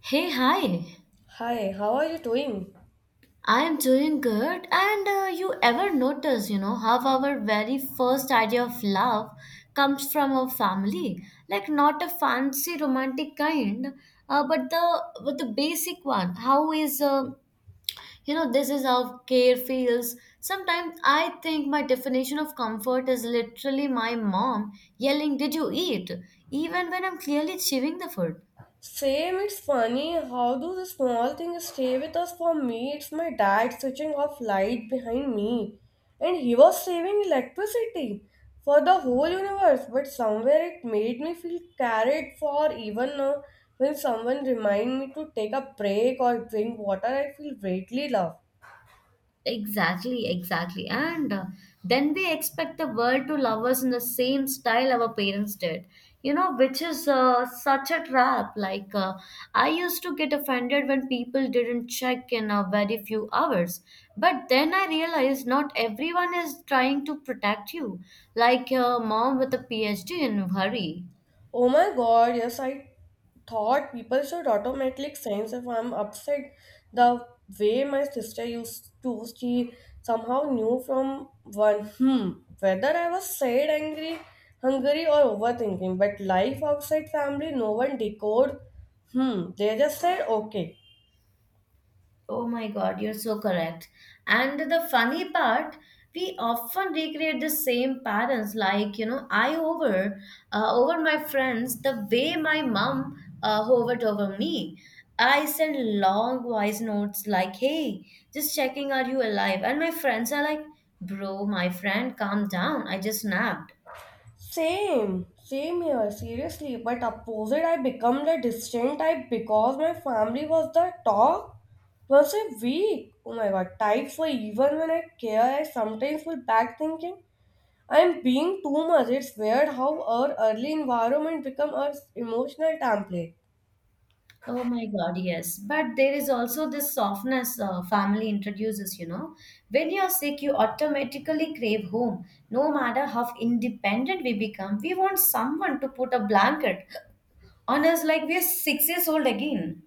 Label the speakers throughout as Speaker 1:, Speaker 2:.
Speaker 1: Hey, hi.
Speaker 2: Hi, how are you doing?
Speaker 1: I am doing good. And you ever notice, you know, how our very first idea of love comes from our family? Like not a fancy romantic kind, but the basic one. How is you know this is how care feels. Sometimes I think my definition of comfort is literally my mom yelling, "Did you eat?" Even when I'm clearly chewing the food.
Speaker 2: Same, it's funny. How do the small things stay with us? For me, it's my dad switching off light behind me. And he was saving electricity for the whole universe, but somewhere it made me feel carried for even now. When someone remind me to take a break or drink water, I feel greatly loved.
Speaker 1: Exactly, exactly. And then we expect the world to love us in the same style our parents did, you know, which is such a trap. Like, I used to get offended when people didn't check in a very few hours. But then I realized not everyone is trying to protect you, like your mom with a PhD in a hurry.
Speaker 2: Oh my god, yes, I thought people should automatically sense if I'm upset. The way my sister used to, she somehow knew from one, whether I was sad, angry, hungry, or overthinking. But life outside family, no one decode, they just said, okay.
Speaker 1: Oh my God, you're so correct. And the funny part, we often recreate the same patterns. Like, you know, I hover over my friends the way my mom hovered over me. I send long voice notes like, hey, just checking, are you alive? And my friends are like, bro, my friend, calm down. I just napped.
Speaker 2: Same, same here, seriously. But opposite, I become the distant type because my family was the talk once a week. Oh my god, type for even when I care, I sometimes will back thinking I'm being too much. It's weird how our early environment become our emotional template.
Speaker 1: Oh my God, yes. But there is also this softness family introduces, you know. When you're sick, you automatically crave home. No matter how independent we become, we want someone to put a blanket on us like we're 6 years old again.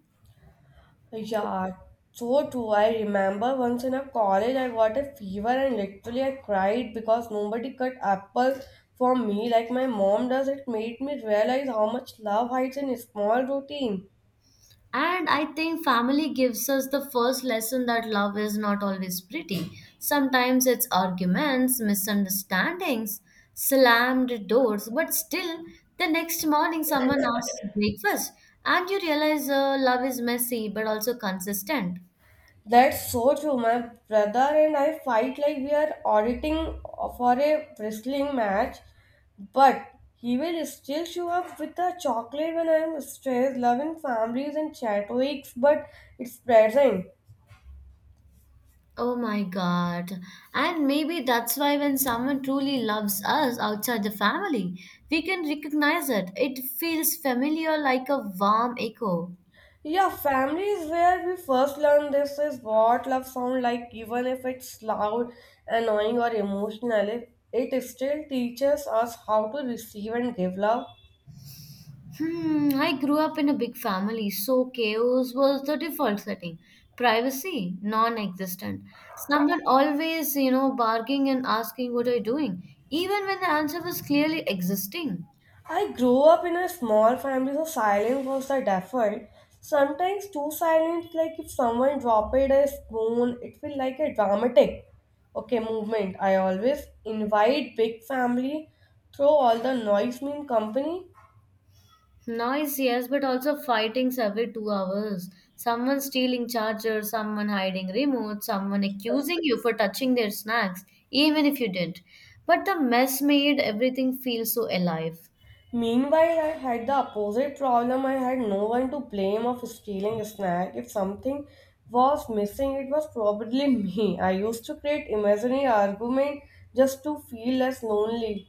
Speaker 2: Yeah, so true. I remember once in a college I got a fever and literally I cried because nobody cut apples for me like my mom does. It made me realize how much love hides in a small routine.
Speaker 1: And I think family gives us the first lesson that love is not always pretty. Sometimes it's arguments, misunderstandings, slammed doors, but still, the next morning someone asks breakfast, and you realize love is messy but also consistent.
Speaker 2: That's so true. My brother and I fight like we are auditing for a wrestling match, but he will still show up with a chocolate when I am stressed. Love in families and chat weeks, but it's present.
Speaker 1: Oh my God. And maybe that's why when someone truly loves us outside the family, we can recognize it. It feels familiar like a warm echo.
Speaker 2: Yeah, family is where we first learn this is what love sound like, even if it's loud, annoying, or emotional. It still teaches us how to receive and give love.
Speaker 1: Hmm, I grew up in a big family, so chaos was the default setting. Privacy, non-existent. Someone always, you know, barking and asking what are you doing, even when the answer was clearly existing.
Speaker 2: I grew up in a small family, so silence was the default. Sometimes too silent, like if someone dropped a spoon, it feel like a dramatic, okay, movement. I always invite big family, throw all the noise mean company.
Speaker 1: Noise, yes, but also fightings every 2 hours. Someone stealing charger, someone hiding remote, someone accusing you for touching their snacks, even if you didn't. But the mess made everything feel so alive.
Speaker 2: Meanwhile, I had the opposite problem. I had no one to blame of stealing a snack. If something was missing, it was probably me. I used to create imaginary argument just to feel less lonely.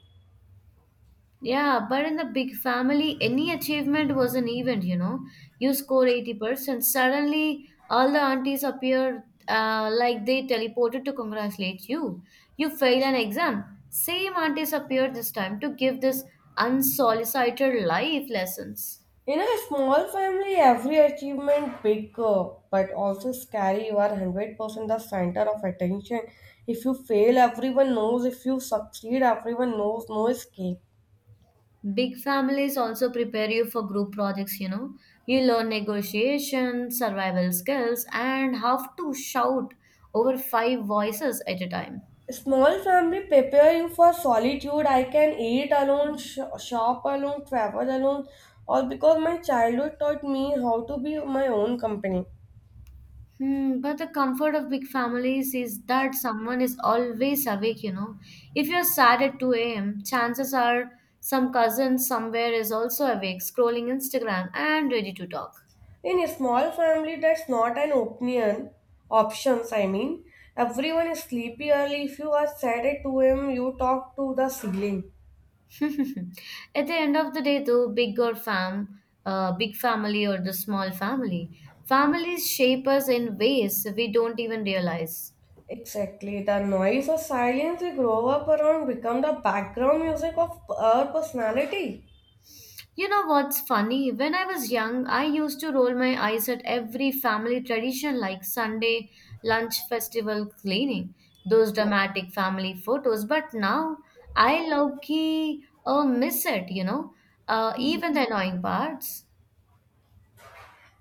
Speaker 1: Yeah, but in the big family, any achievement was an event, you know. You score 80%, suddenly all the aunties appear like they teleported to congratulate you. You fail an exam. Same aunties appear this time to give this unsolicited life lessons.
Speaker 2: In a small family, every achievement bigger but also scary. You are 100% the center of attention. If you fail, everyone knows. If you succeed, everyone knows. No escape.
Speaker 1: Big families also prepare you for group projects, you know. You learn negotiation, survival skills, and how to shout over 5 voices at a time.
Speaker 2: Small family prepare you for solitude. I can eat alone, shop alone, travel alone, all because my childhood taught me how to be my own company.
Speaker 1: Hmm, but the comfort of big families is that someone is always awake, you know. If you're sad at 2 a.m., chances are some cousin somewhere is also awake, scrolling Instagram and ready to talk.
Speaker 2: In a small family, that's not an opinion. Options, I mean. Everyone is sleepy early. If you are sad at 2 a.m., you talk to the ceiling.
Speaker 1: at the end of the day, though, big family or the small family, families shape us in ways we don't even realize.
Speaker 2: Exactly. The noise or silence we grow up around become the background music of our personality.
Speaker 1: You know what's funny? When I was young, I used to roll my eyes at every family tradition like Sunday lunch festival cleaning, those dramatic family photos. But now I low key miss it, you know, even the annoying parts.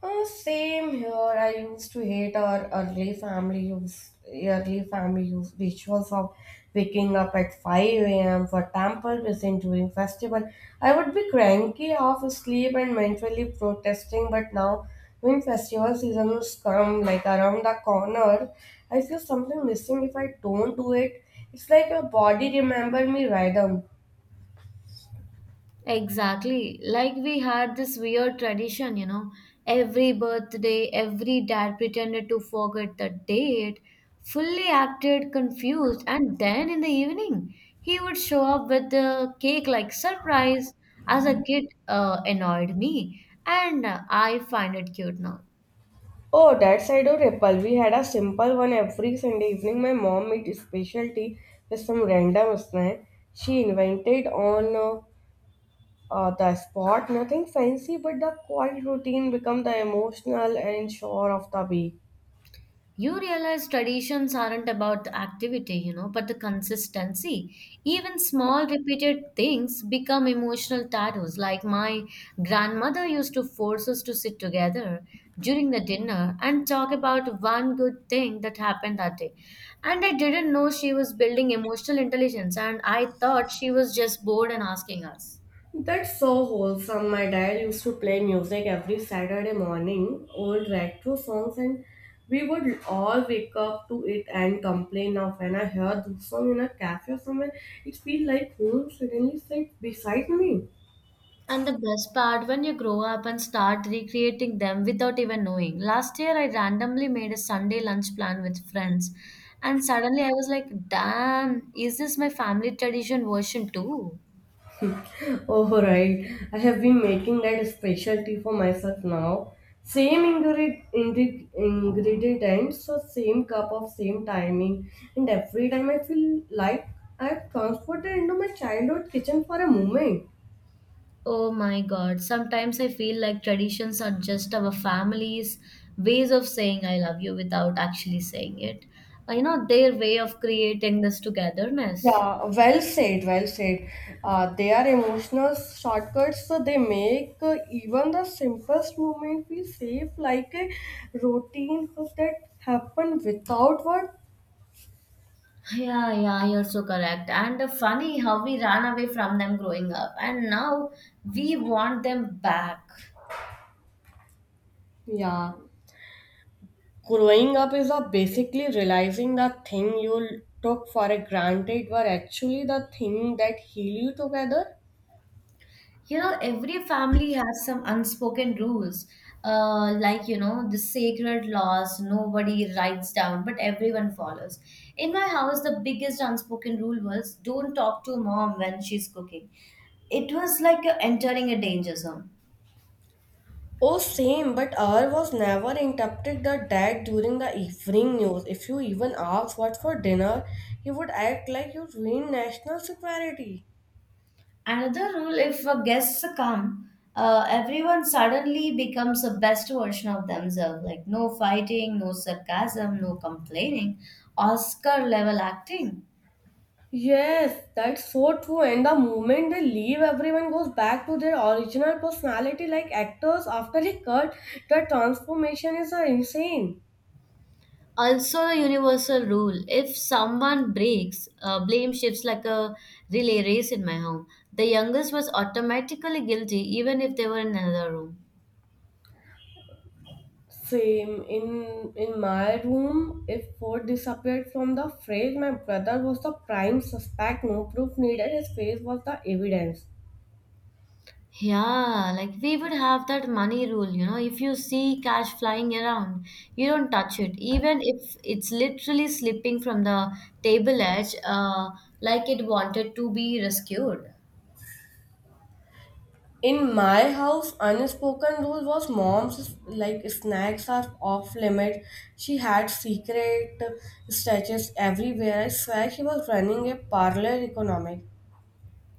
Speaker 2: Same here. I used to hate our early family use rituals of waking up at 5 a.m. for temple visiting during festival. I would be cranky, half asleep, and mentally protesting. But now, when festival seasons come like around the corner, I feel something missing if I don't do it. It's like your body remember me rhythm.
Speaker 1: Exactly. Like we had this weird tradition, you know, every birthday, every dad pretended to forget the date, fully acted confused, and then in the evening, he would show up with the cake like surprise. As a kid, annoyed me, and I find it cute now.
Speaker 2: Oh, that side of Nepal, we had a simple one every Sunday evening. My mom made special tea with some random snack she invented on the spot. Nothing fancy, but the quiet routine become the emotional and shore of the week.
Speaker 1: You realize traditions aren't about the activity, you know, but the consistency. Even small repeated things become emotional tattoos. Like my grandmother used to force us to sit together during the dinner and talk about one good thing that happened that day. And I didn't know she was building emotional intelligence, and I thought she was just bored and asking us.
Speaker 2: That's so wholesome. My dad used to play music every Saturday morning, old retro songs, and we would all wake up to it and complain of when I heard this song in a cafe or somewhere. It feels like home suddenly sits beside me.
Speaker 1: And the best part when you grow up and start recreating them without even knowing. Last year, I randomly made a Sunday lunch plan with friends, and suddenly I was like, damn, is this my family tradition version too?
Speaker 2: Oh, right. I have been making that specialty for myself now. Same ingredient, ingredient and so same cup of same timing. And every time I feel like I've transported into my childhood kitchen for a moment.
Speaker 1: Oh my god, sometimes I feel like traditions are just our family's ways of saying I love you without actually saying it. You know, their way of creating this togetherness.
Speaker 2: Yeah, well said, well said. They are emotional shortcuts, so they make even the simplest moment feel safe, like a routine of that happen without words.
Speaker 1: Yeah, yeah, you're so correct. And funny how we ran away from them growing up, and now we want them back.
Speaker 2: Yeah, growing up is a basically realizing that thing you took for a granted were actually the thing that heal you together.
Speaker 1: You know, every family has some unspoken rules, like, you know, the sacred laws nobody writes down, but everyone follows. In my house, the biggest unspoken rule was don't talk to mom when she's cooking. It was like entering a danger zone.
Speaker 2: Oh, same, but R was never interrupted the dad during the evening news. If you even asked what for dinner, he would act like you ruined national security.
Speaker 1: Another rule if a guest come, everyone suddenly becomes the best version of themselves. Like no fighting, no sarcasm, no complaining, Oscar level acting.
Speaker 2: Yes, that's so true. And the moment they leave, everyone goes back to their original personality like actors after a cut. The transformation is insane.
Speaker 1: Also, a universal rule if someone breaks, blame shifts like a relay race in my home. The youngest was automatically guilty even if they were in another room.
Speaker 2: Same in my room. If food disappeared from the fridge, my brother was the prime suspect. No proof needed. His face was the evidence.
Speaker 1: Yeah, like we would have that money rule, you know, if you see cash flying around, you don't touch it, even if it's literally slipping from the table edge, like it wanted to be rescued.
Speaker 2: In my house, unspoken rule was mom's like snacks are off limit. She had secret stash everywhere. I swear she was running a parlor economic.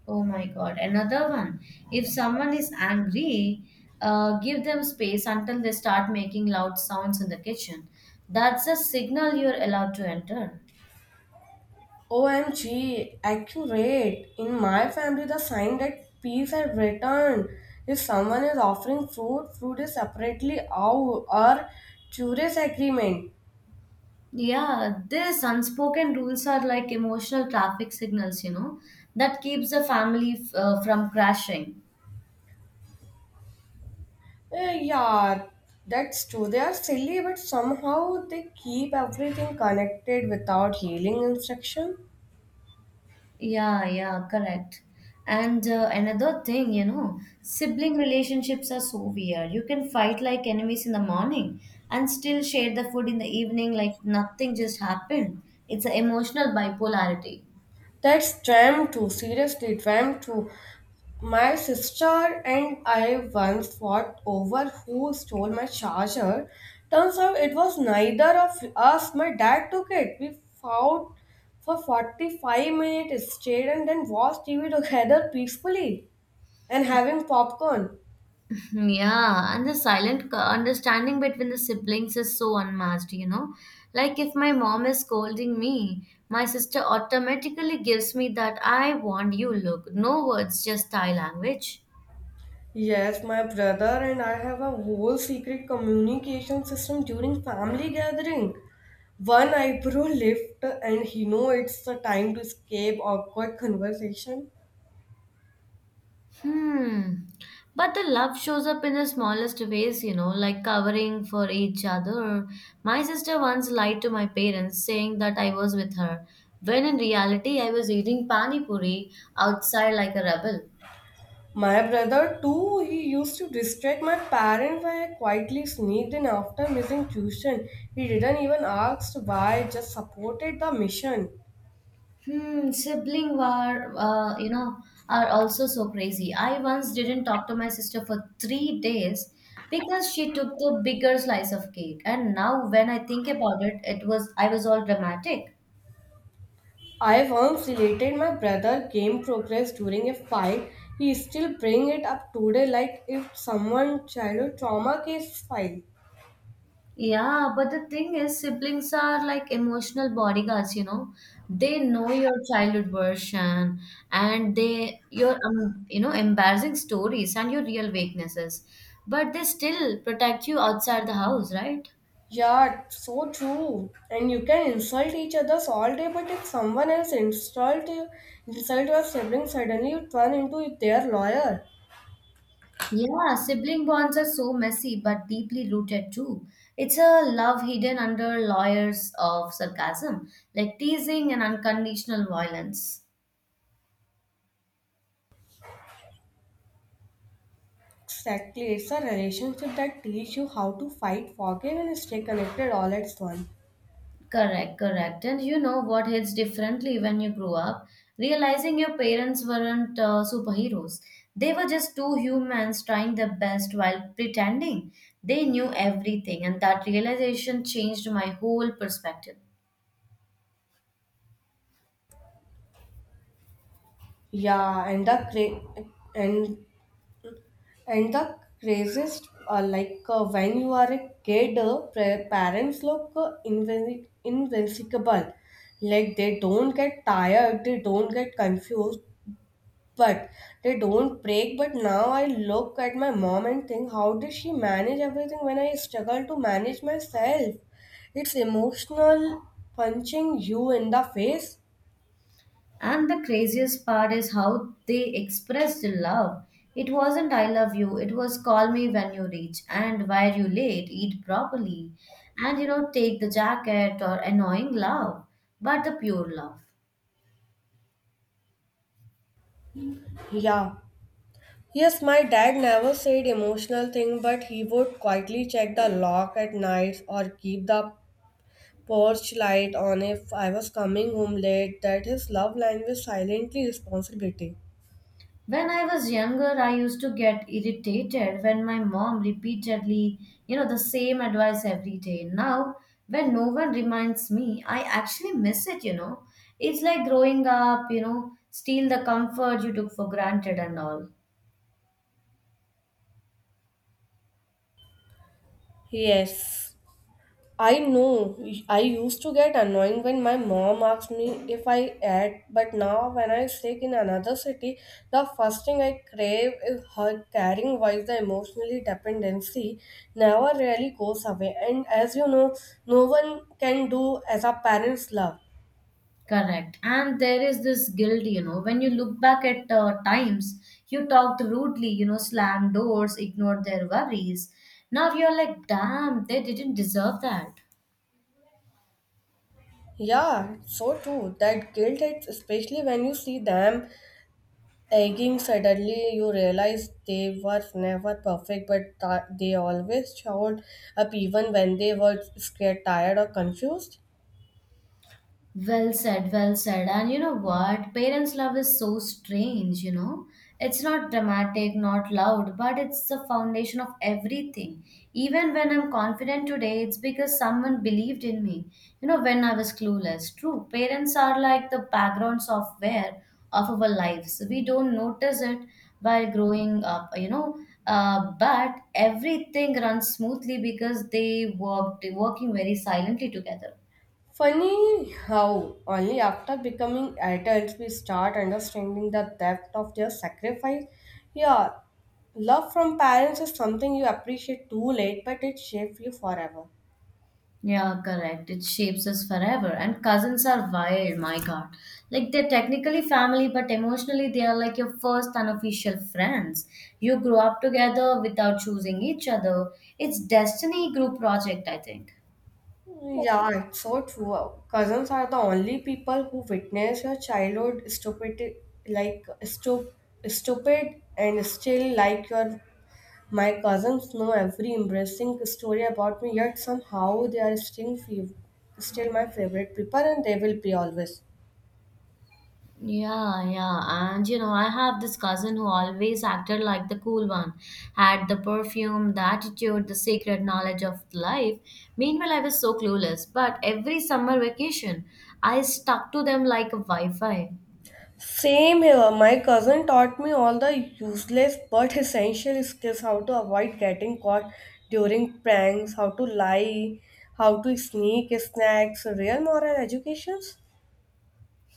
Speaker 1: Oh my God, another one. If someone is angry, give them space until they start making loud sounds in the kitchen. That's a signal you're allowed to enter.
Speaker 2: OMG, accurate. In my family, the sign that peace had returned. If someone is offering fruit, fruit is separately out or curious agreement.
Speaker 1: Yeah, these unspoken rules are like emotional traffic signals, you know, that keeps the family from crashing.
Speaker 2: Eh, yeah, that's true. They are silly, but somehow they keep everything connected without healing instruction.
Speaker 1: Yeah, yeah, correct. And another thing, you know, sibling relationships are so weird. You can fight like enemies in the morning and still share the food in the evening like nothing just happened. It's an emotional bipolarity.
Speaker 2: That's tram too. Seriously, tram too. My sister and I once fought over who stole my charger. Turns out it was neither of us. My dad took it. We fought for 45 minutes straight and then watched TV together peacefully and having popcorn.
Speaker 1: Yeah, and the silent understanding between the siblings is so unmatched, you know. Like if my mom is scolding me, my sister automatically gives me that I want you look. No words, just Thai language.
Speaker 2: Yes, my brother and I have a whole secret communication system during family gathering. One eyebrow lift and he know it's the time to escape awkward conversation.
Speaker 1: Hmm. But the love shows up in the smallest ways, you know, like covering for each other. My sister once lied to my parents saying that I was with her, when in reality I was eating pani puri outside like a rebel.
Speaker 2: My brother, too, he used to distract my parents when I quietly sneaked in after missing tuition. He didn't even ask why, just supported the mission.
Speaker 1: Hmm, sibling war, you know, are also so crazy. I once didn't talk to my sister for 3 days because she took the bigger slice of cake. And now, when I think about it, it was I was all dramatic.
Speaker 2: I once related my brother game progress during a fight. He still bring it up today like if someone childhood trauma case file.
Speaker 1: Yeah, but the thing is, siblings are like emotional bodyguards, you know. They know your childhood version and they your you know embarrassing stories and your real weaknesses, but they still protect you outside the house, right?
Speaker 2: Yeah, so true. And you can insult each other's all day, but if someone else insult you, insult your sibling, suddenly you turn into their lawyer.
Speaker 1: Yeah, sibling bonds are so messy but deeply rooted too. It's a love hidden under layers of sarcasm, like teasing and unconditional violence.
Speaker 2: Exactly, it's a relationship that teaches you how to fight, forgive, and stay connected all at once.
Speaker 1: Correct, correct. And you know what hits differently when you grow up? Realizing your parents weren't superheroes. They were just two humans trying their best while pretending they knew everything, and that realization changed my whole perspective.
Speaker 2: Yeah, and the and and the craziest, like when you are a kid, parents look invincible. Like they don't get tired, they don't get confused, but they don't break. But now I look at my mom and think, how did she manage everything when I struggle to manage myself? It's emotional punching you in the face.
Speaker 1: And the craziest part is how they expressed love. It wasn't I love you, it was call me when you reach, and why are you late? Eat properly. And you know, take the jacket or annoying love, but the pure love.
Speaker 2: Yeah, yes, my dad never said emotional thing, but he would quietly check the lock at night or keep the porch light on if I was coming home late. That his love language silently responsibility.
Speaker 1: When I was younger, I used to get irritated when my mom repeatedly, you know, the same advice every day. Now, when no one reminds me, I actually miss it, you know. It's like growing up, you know, steal the comfort you took for granted and all.
Speaker 2: Yes, I know. I used to get annoyed when my mom asked me if I ate, but now when I sleep in another city, the first thing I crave is her caring voice. The emotionally dependency never really goes away, and as you know, no one can do as a parent's love.
Speaker 1: Correct. And there is this guilt, you know, when you look back at times you talked rudely, you know, slammed doors, ignored their worries. Now you're like, damn, they didn't deserve that.
Speaker 2: Yeah, so true. That guilt hits, especially when you see them Egging suddenly you realize they were never perfect but they always showed up even when they were scared, tired or confused.
Speaker 1: Well said, well said. And you know what? Parents' love is so strange, you know. It's not dramatic, not loud, but it's the foundation of everything. Even when I'm confident today, it's because someone believed in me, you know, when I was clueless. True, parents are like the background software of our lives. We don't notice it while growing up, you know. But everything runs smoothly because they worked working very silently together.
Speaker 2: Funny how only after becoming adults we start understanding the depth of their sacrifice. Yeah, love from parents is something you appreciate too late but it shapes you forever.
Speaker 1: Yeah, correct. It shapes us forever. And cousins are wild, my God. Like they're technically family, but emotionally they are like your first unofficial friends. You grow up together without choosing each other. It's destiny group project, I think.
Speaker 2: Yeah, it's so true. Cousins are the only people who witness your childhood stupid, like stupid, and still like your. My cousins know every embarrassing story about me, yet somehow they are still, still my favorite people, and they will be always.
Speaker 1: Yeah, yeah. And you know, I have this cousin who always acted like the cool one, had the perfume, the attitude, the sacred knowledge of life. Meanwhile, I was so clueless. But every summer vacation, I stuck to them like a Wi Fi.
Speaker 2: Same here. My cousin taught me all the useless but essential skills how to avoid getting caught during pranks, how to lie, how to sneak snacks, real moral educations.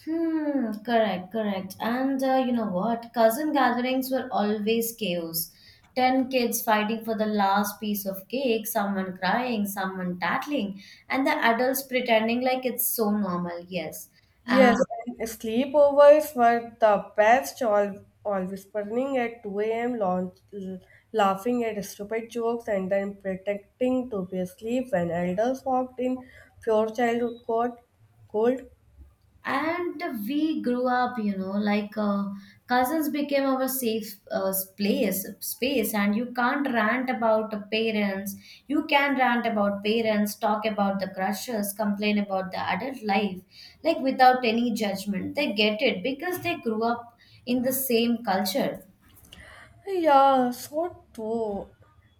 Speaker 1: Hmm, correct, correct. And you know what? Cousin gatherings were always chaos. 10 kids fighting for the last piece of cake, someone crying, someone tattling, and the adults pretending like it's so normal. Yes. And
Speaker 2: Yes, and sleepovers were the best, always burning at 2 a.m., launch, laughing at stupid jokes, and then pretending to be asleep when elders walked in, pure childhood cold.
Speaker 1: and we grew up, you know, cousins became our safe, place space. And you can't rant about the parents. You can rant about parents, talk about the crushes, complain about the adult life like without any judgment. They get it because they grew up in the same culture.
Speaker 2: Yeah, so true.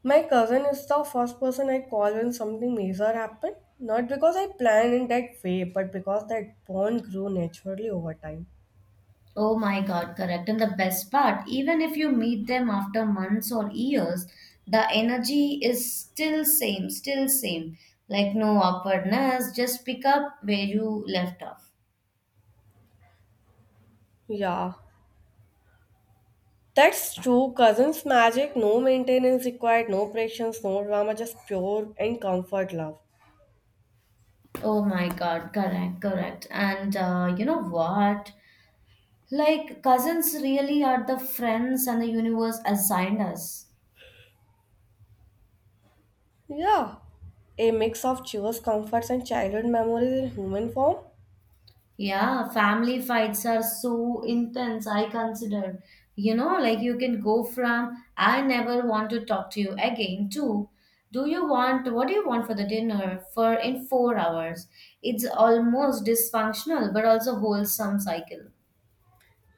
Speaker 2: My cousin is the first person I call when something major happened. Not because I planned in that way, but because that bond grew naturally over time.
Speaker 1: Oh my God, correct. And the best part, even if you meet them after months or years, the energy is still same. Like no awkwardness, just pick up where you left off.
Speaker 2: Yeah, that's true. Cousins magic, no maintenance required, no pressures, no drama, just pure and comfort love.
Speaker 1: Oh my God, correct, correct. And you know what? Like cousins really are the friends and the universe assigned us.
Speaker 2: Yeah, a mix of cheers, comforts, and childhood memories in human form.
Speaker 1: Yeah, family fights are so intense, I consider. You know, like you can go from, I never want to talk to you again, to, do you want, what do you want for the dinner for in 4 hours? It's almost dysfunctional, but also wholesome cycle.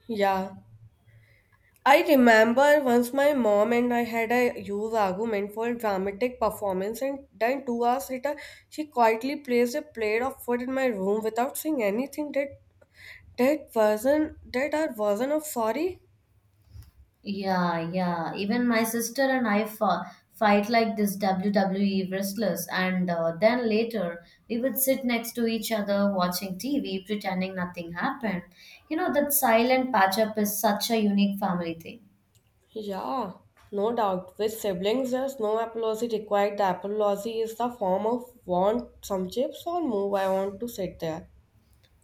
Speaker 2: Yeah, I remember once my mom and I had a huge argument for a dramatic performance, and then 2 hours later, she quietly placed a plate of food in my room without saying anything. That that version, that our version of sorry.
Speaker 1: Yeah, yeah. Even my sister and I fight like this WWE wrestlers, and then later we would sit next to each other watching TV, pretending nothing happened. You know, that silent patch up is such a unique family thing.
Speaker 2: Yeah, no doubt. With siblings, there's no apology required. The apology is the form of want some chips or move. I want to sit there.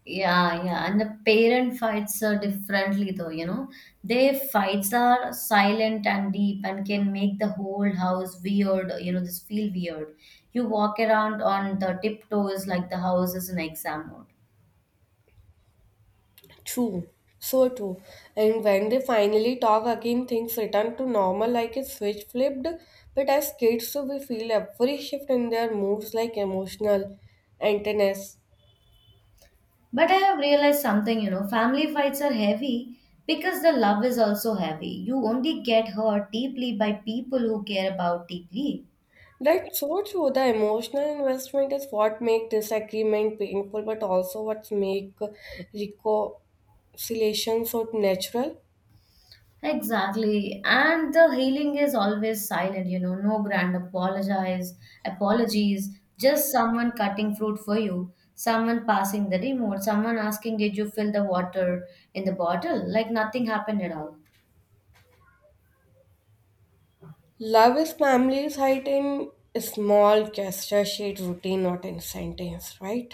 Speaker 1: Yeah, yeah. And the parent fights are differently though, you know. Their fights are silent and deep and can make the whole house weird, you know, this feel weird. You walk around on the tiptoes like the house is an exam hall.
Speaker 2: True, so true. And when they finally talk again, things return to normal like a switch flipped. But as kids, so we feel every shift in their moods like emotional antennas.
Speaker 1: But I have realized something, you know, family fights are heavy because the love is also heavy. You only get hurt deeply by people who care about deeply.
Speaker 2: That's so true. The emotional investment is what make disagreement painful, but also what make reconciliation so natural.
Speaker 1: Exactly. And the healing is always silent, you know, no grand apologize, apologies, just someone cutting fruit for you, someone passing the remote, someone asking did you fill the water in the bottle? Like nothing happened at all.
Speaker 2: Love is family's height in small gesture, shade, routine, not in sentence, right?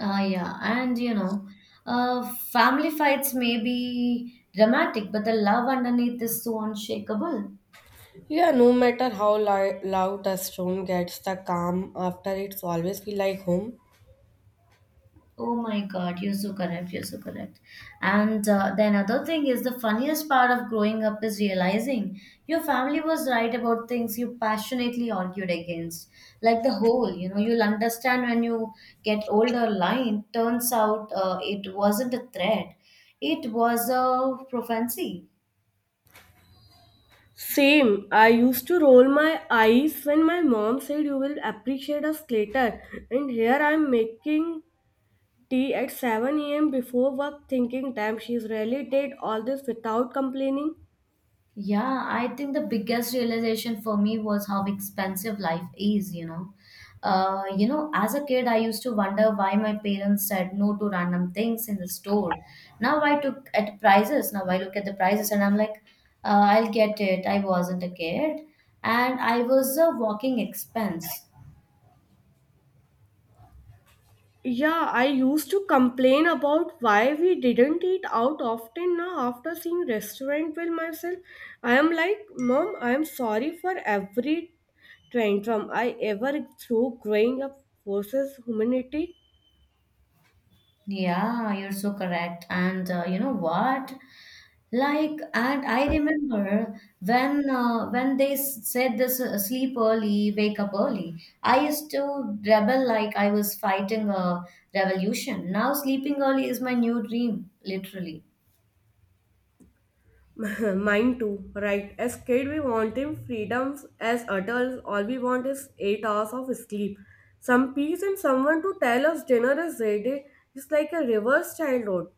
Speaker 1: Yeah, and you know, family fights may be dramatic, but the love underneath is so unshakable.
Speaker 2: Yeah, no matter how loud a storm gets, the calm after it's always feel like home.
Speaker 1: Oh my God, you're so correct. You're so correct. And the another thing is the funniest part of growing up is realizing your family was right about things you passionately argued against. Like the whole, you know, you'll understand when you get older. Line turns out it wasn't a threat; it was a prophecy.
Speaker 2: Same. I used to roll my eyes when my mom said you will appreciate us later. And here I'm making tea at 7 a.m. before work thinking, damn, she's really did all this without complaining.
Speaker 1: Yeah, I think the biggest realization for me was how expensive life is, you know. You know, as a kid, I used to wonder why my parents said no to random things in the store. Now I took at prices. Now I look at the prices and I'm like, I'll get it. I wasn't a kid, and I was a walking expense.
Speaker 2: Yeah, I used to complain about why we didn't eat out often now after seeing restaurant bill myself. I am like, Mom, I am sorry for every tantrum I ever threw growing up versus humanity.
Speaker 1: Yeah, you're so correct. And you know what? And I remember when they said this, sleep early, wake up early. I used to rebel like I was fighting a revolution. Now sleeping early is my new dream, literally.
Speaker 2: Mine too, right? As kid, we want him freedoms. As adults, all we want is 8 hours of sleep, some peace, and someone to tell us dinner is ready. It's like a reverse childhood.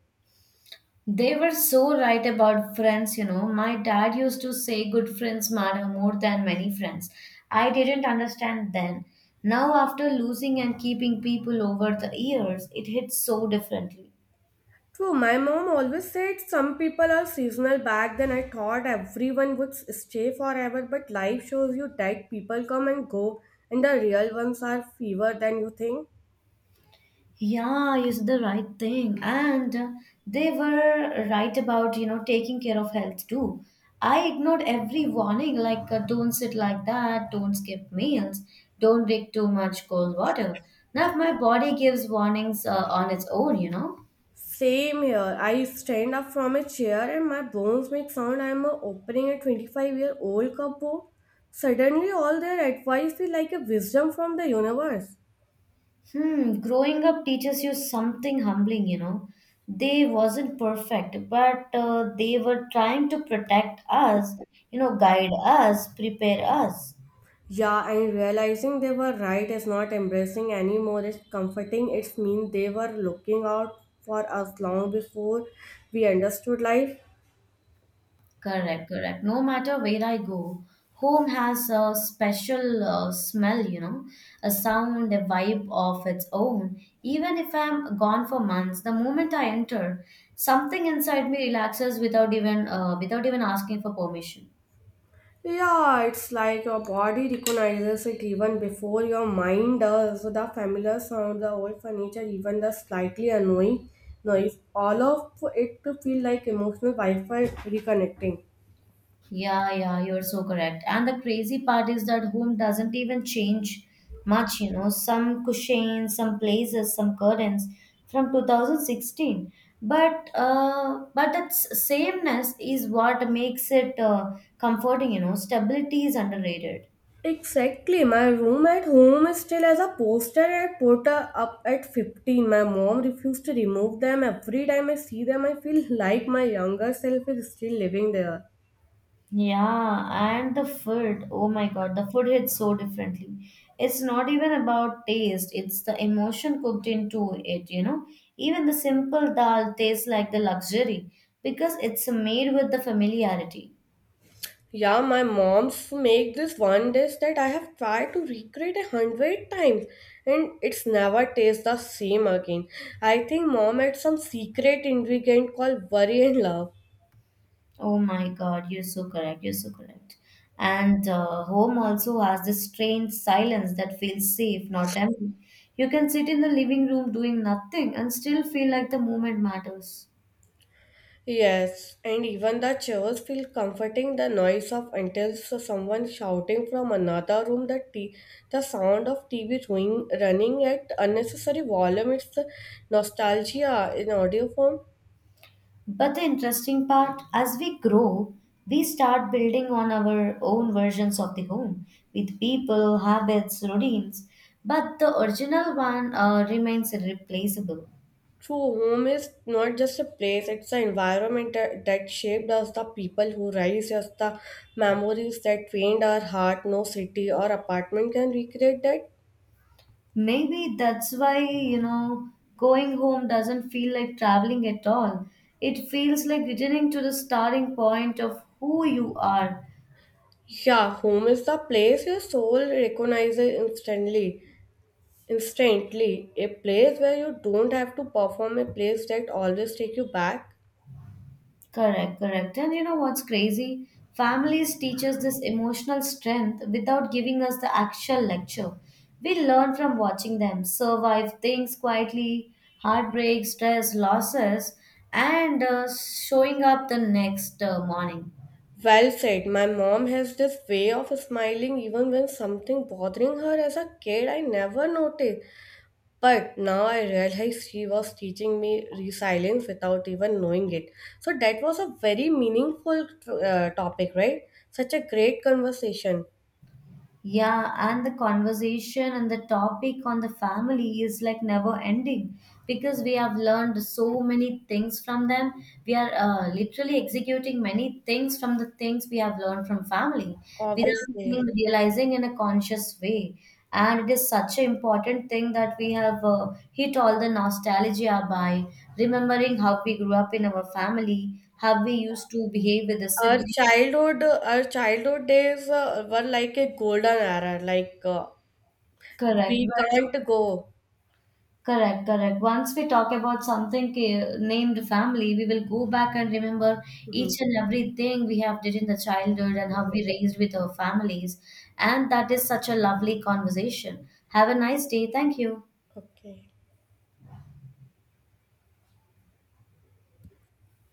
Speaker 1: They were so right about friends, you know. My dad used to say good friends matter more than many friends. I didn't understand then. Now, after losing and keeping people over the years, it hits so differently.
Speaker 2: True, my mom always said some people are seasonal. Back then, I thought everyone would stay forever, but life shows you that people come and go, and the real ones are fewer than you think.
Speaker 1: Yeah, you said the right thing. And they were right about, you know, taking care of health too. I ignored every warning like don't sit like that, don't skip meals, don't drink too much cold water. Now, if my body gives warnings on its own, you know.
Speaker 2: Same here. I stand up from a chair and my bones make sound. I'm opening a 25-year-old cupboard. Suddenly, all their advice feel like a wisdom from the universe.
Speaker 1: Hmm, growing up teaches you something humbling, you know. They wasn't perfect, but they were trying to protect us, you know, guide us, prepare us.
Speaker 2: Yeah, and realizing they were right is not embracing anymore, it's comforting. It's mean they were looking out for us long before we understood life.
Speaker 1: Correct, correct. No matter where I go, home has a special, smell, you know, a sound, a vibe of its own. Even if I'm gone for months, the moment I enter, something inside me relaxes without even, asking for permission.
Speaker 2: Yeah, it's like your body recognizes it even before your mind does. So the familiar sound, the old furniture, even the slightly annoying noise, all of it to feel like emotional Wi-Fi reconnecting.
Speaker 1: Yeah, yeah, you're so correct. And the crazy part is that home doesn't even change much, you know, some cushions, some places, some curtains from 2016. But that sameness is what makes it, comforting, you know. Stability is underrated.
Speaker 2: Exactly. My room at home is still as a poster I put up at 15. My mom refused to remove them. Every time I see them, I feel like my younger self is still living there.
Speaker 1: Yeah, and the food. Oh my God, the food hits so differently. It's not even about taste, it's the emotion cooked into it, you know. Even the simple dal tastes like the luxury because it's made with the familiarity.
Speaker 2: Yeah, my mom's make this one dish that I have tried to recreate 100 times and it's never tastes the same again. I think mom had some secret ingredient called worry and love.
Speaker 1: Oh my God, you're so correct, you're so correct. And home also has this strange silence that feels safe, not empty. You can sit in the living room doing nothing and still feel like the moment matters.
Speaker 2: Yes, and even the chairs feel comforting the noise of until someone shouting from another room, the sound of TV running at unnecessary volume. It's the nostalgia in audio form.
Speaker 1: But the interesting part, as we grow, we start building on our own versions of the home with people, habits, routines, but the original one, remains irreplaceable.
Speaker 2: True home is not just a place, it's an environment that, that shaped us, the people who raised us, the memories that trained our heart. No city or apartment can recreate that.
Speaker 1: Maybe that's why, you know, going home doesn't feel like traveling at all. It feels like returning to the starting point of who you are.
Speaker 2: Yeah, home is the place your soul recognizes instantly. Instantly, a place where you don't have to perform, a place that always take you back.
Speaker 1: Correct, correct. And you know what's crazy? Families teach us this emotional strength without giving us the actual lecture. We learn from watching them survive things quietly, heartbreak, stress, losses, and showing up the next morning.
Speaker 2: Well said. My mom has this way of smiling even when something bothering her as a kid I never noticed. But now I realize she was teaching me resilience without even knowing it. So that was a very meaningful topic, right? Such a great conversation.
Speaker 1: Yeah, and the conversation and the topic on the family is like never ending because we have learned so many things from them. We are literally executing many things from the things we have learned from family without
Speaker 2: Obviously.
Speaker 1: even realizing in a conscious way. And it is such an important thing that we have hit all the nostalgia by remembering how we grew up in our family, how we used to behave with the siblings.
Speaker 2: Our childhood days were like a golden era. Like
Speaker 1: Correct. Well,
Speaker 2: we can't go.
Speaker 1: correct, correct. Once we talk about something, named family, we will go back and remember
Speaker 2: Mhm.
Speaker 1: each and everything we have did in the childhood and how we raised with our families. And that is such a lovely conversation. Have a nice day. Thank you.
Speaker 2: Okay.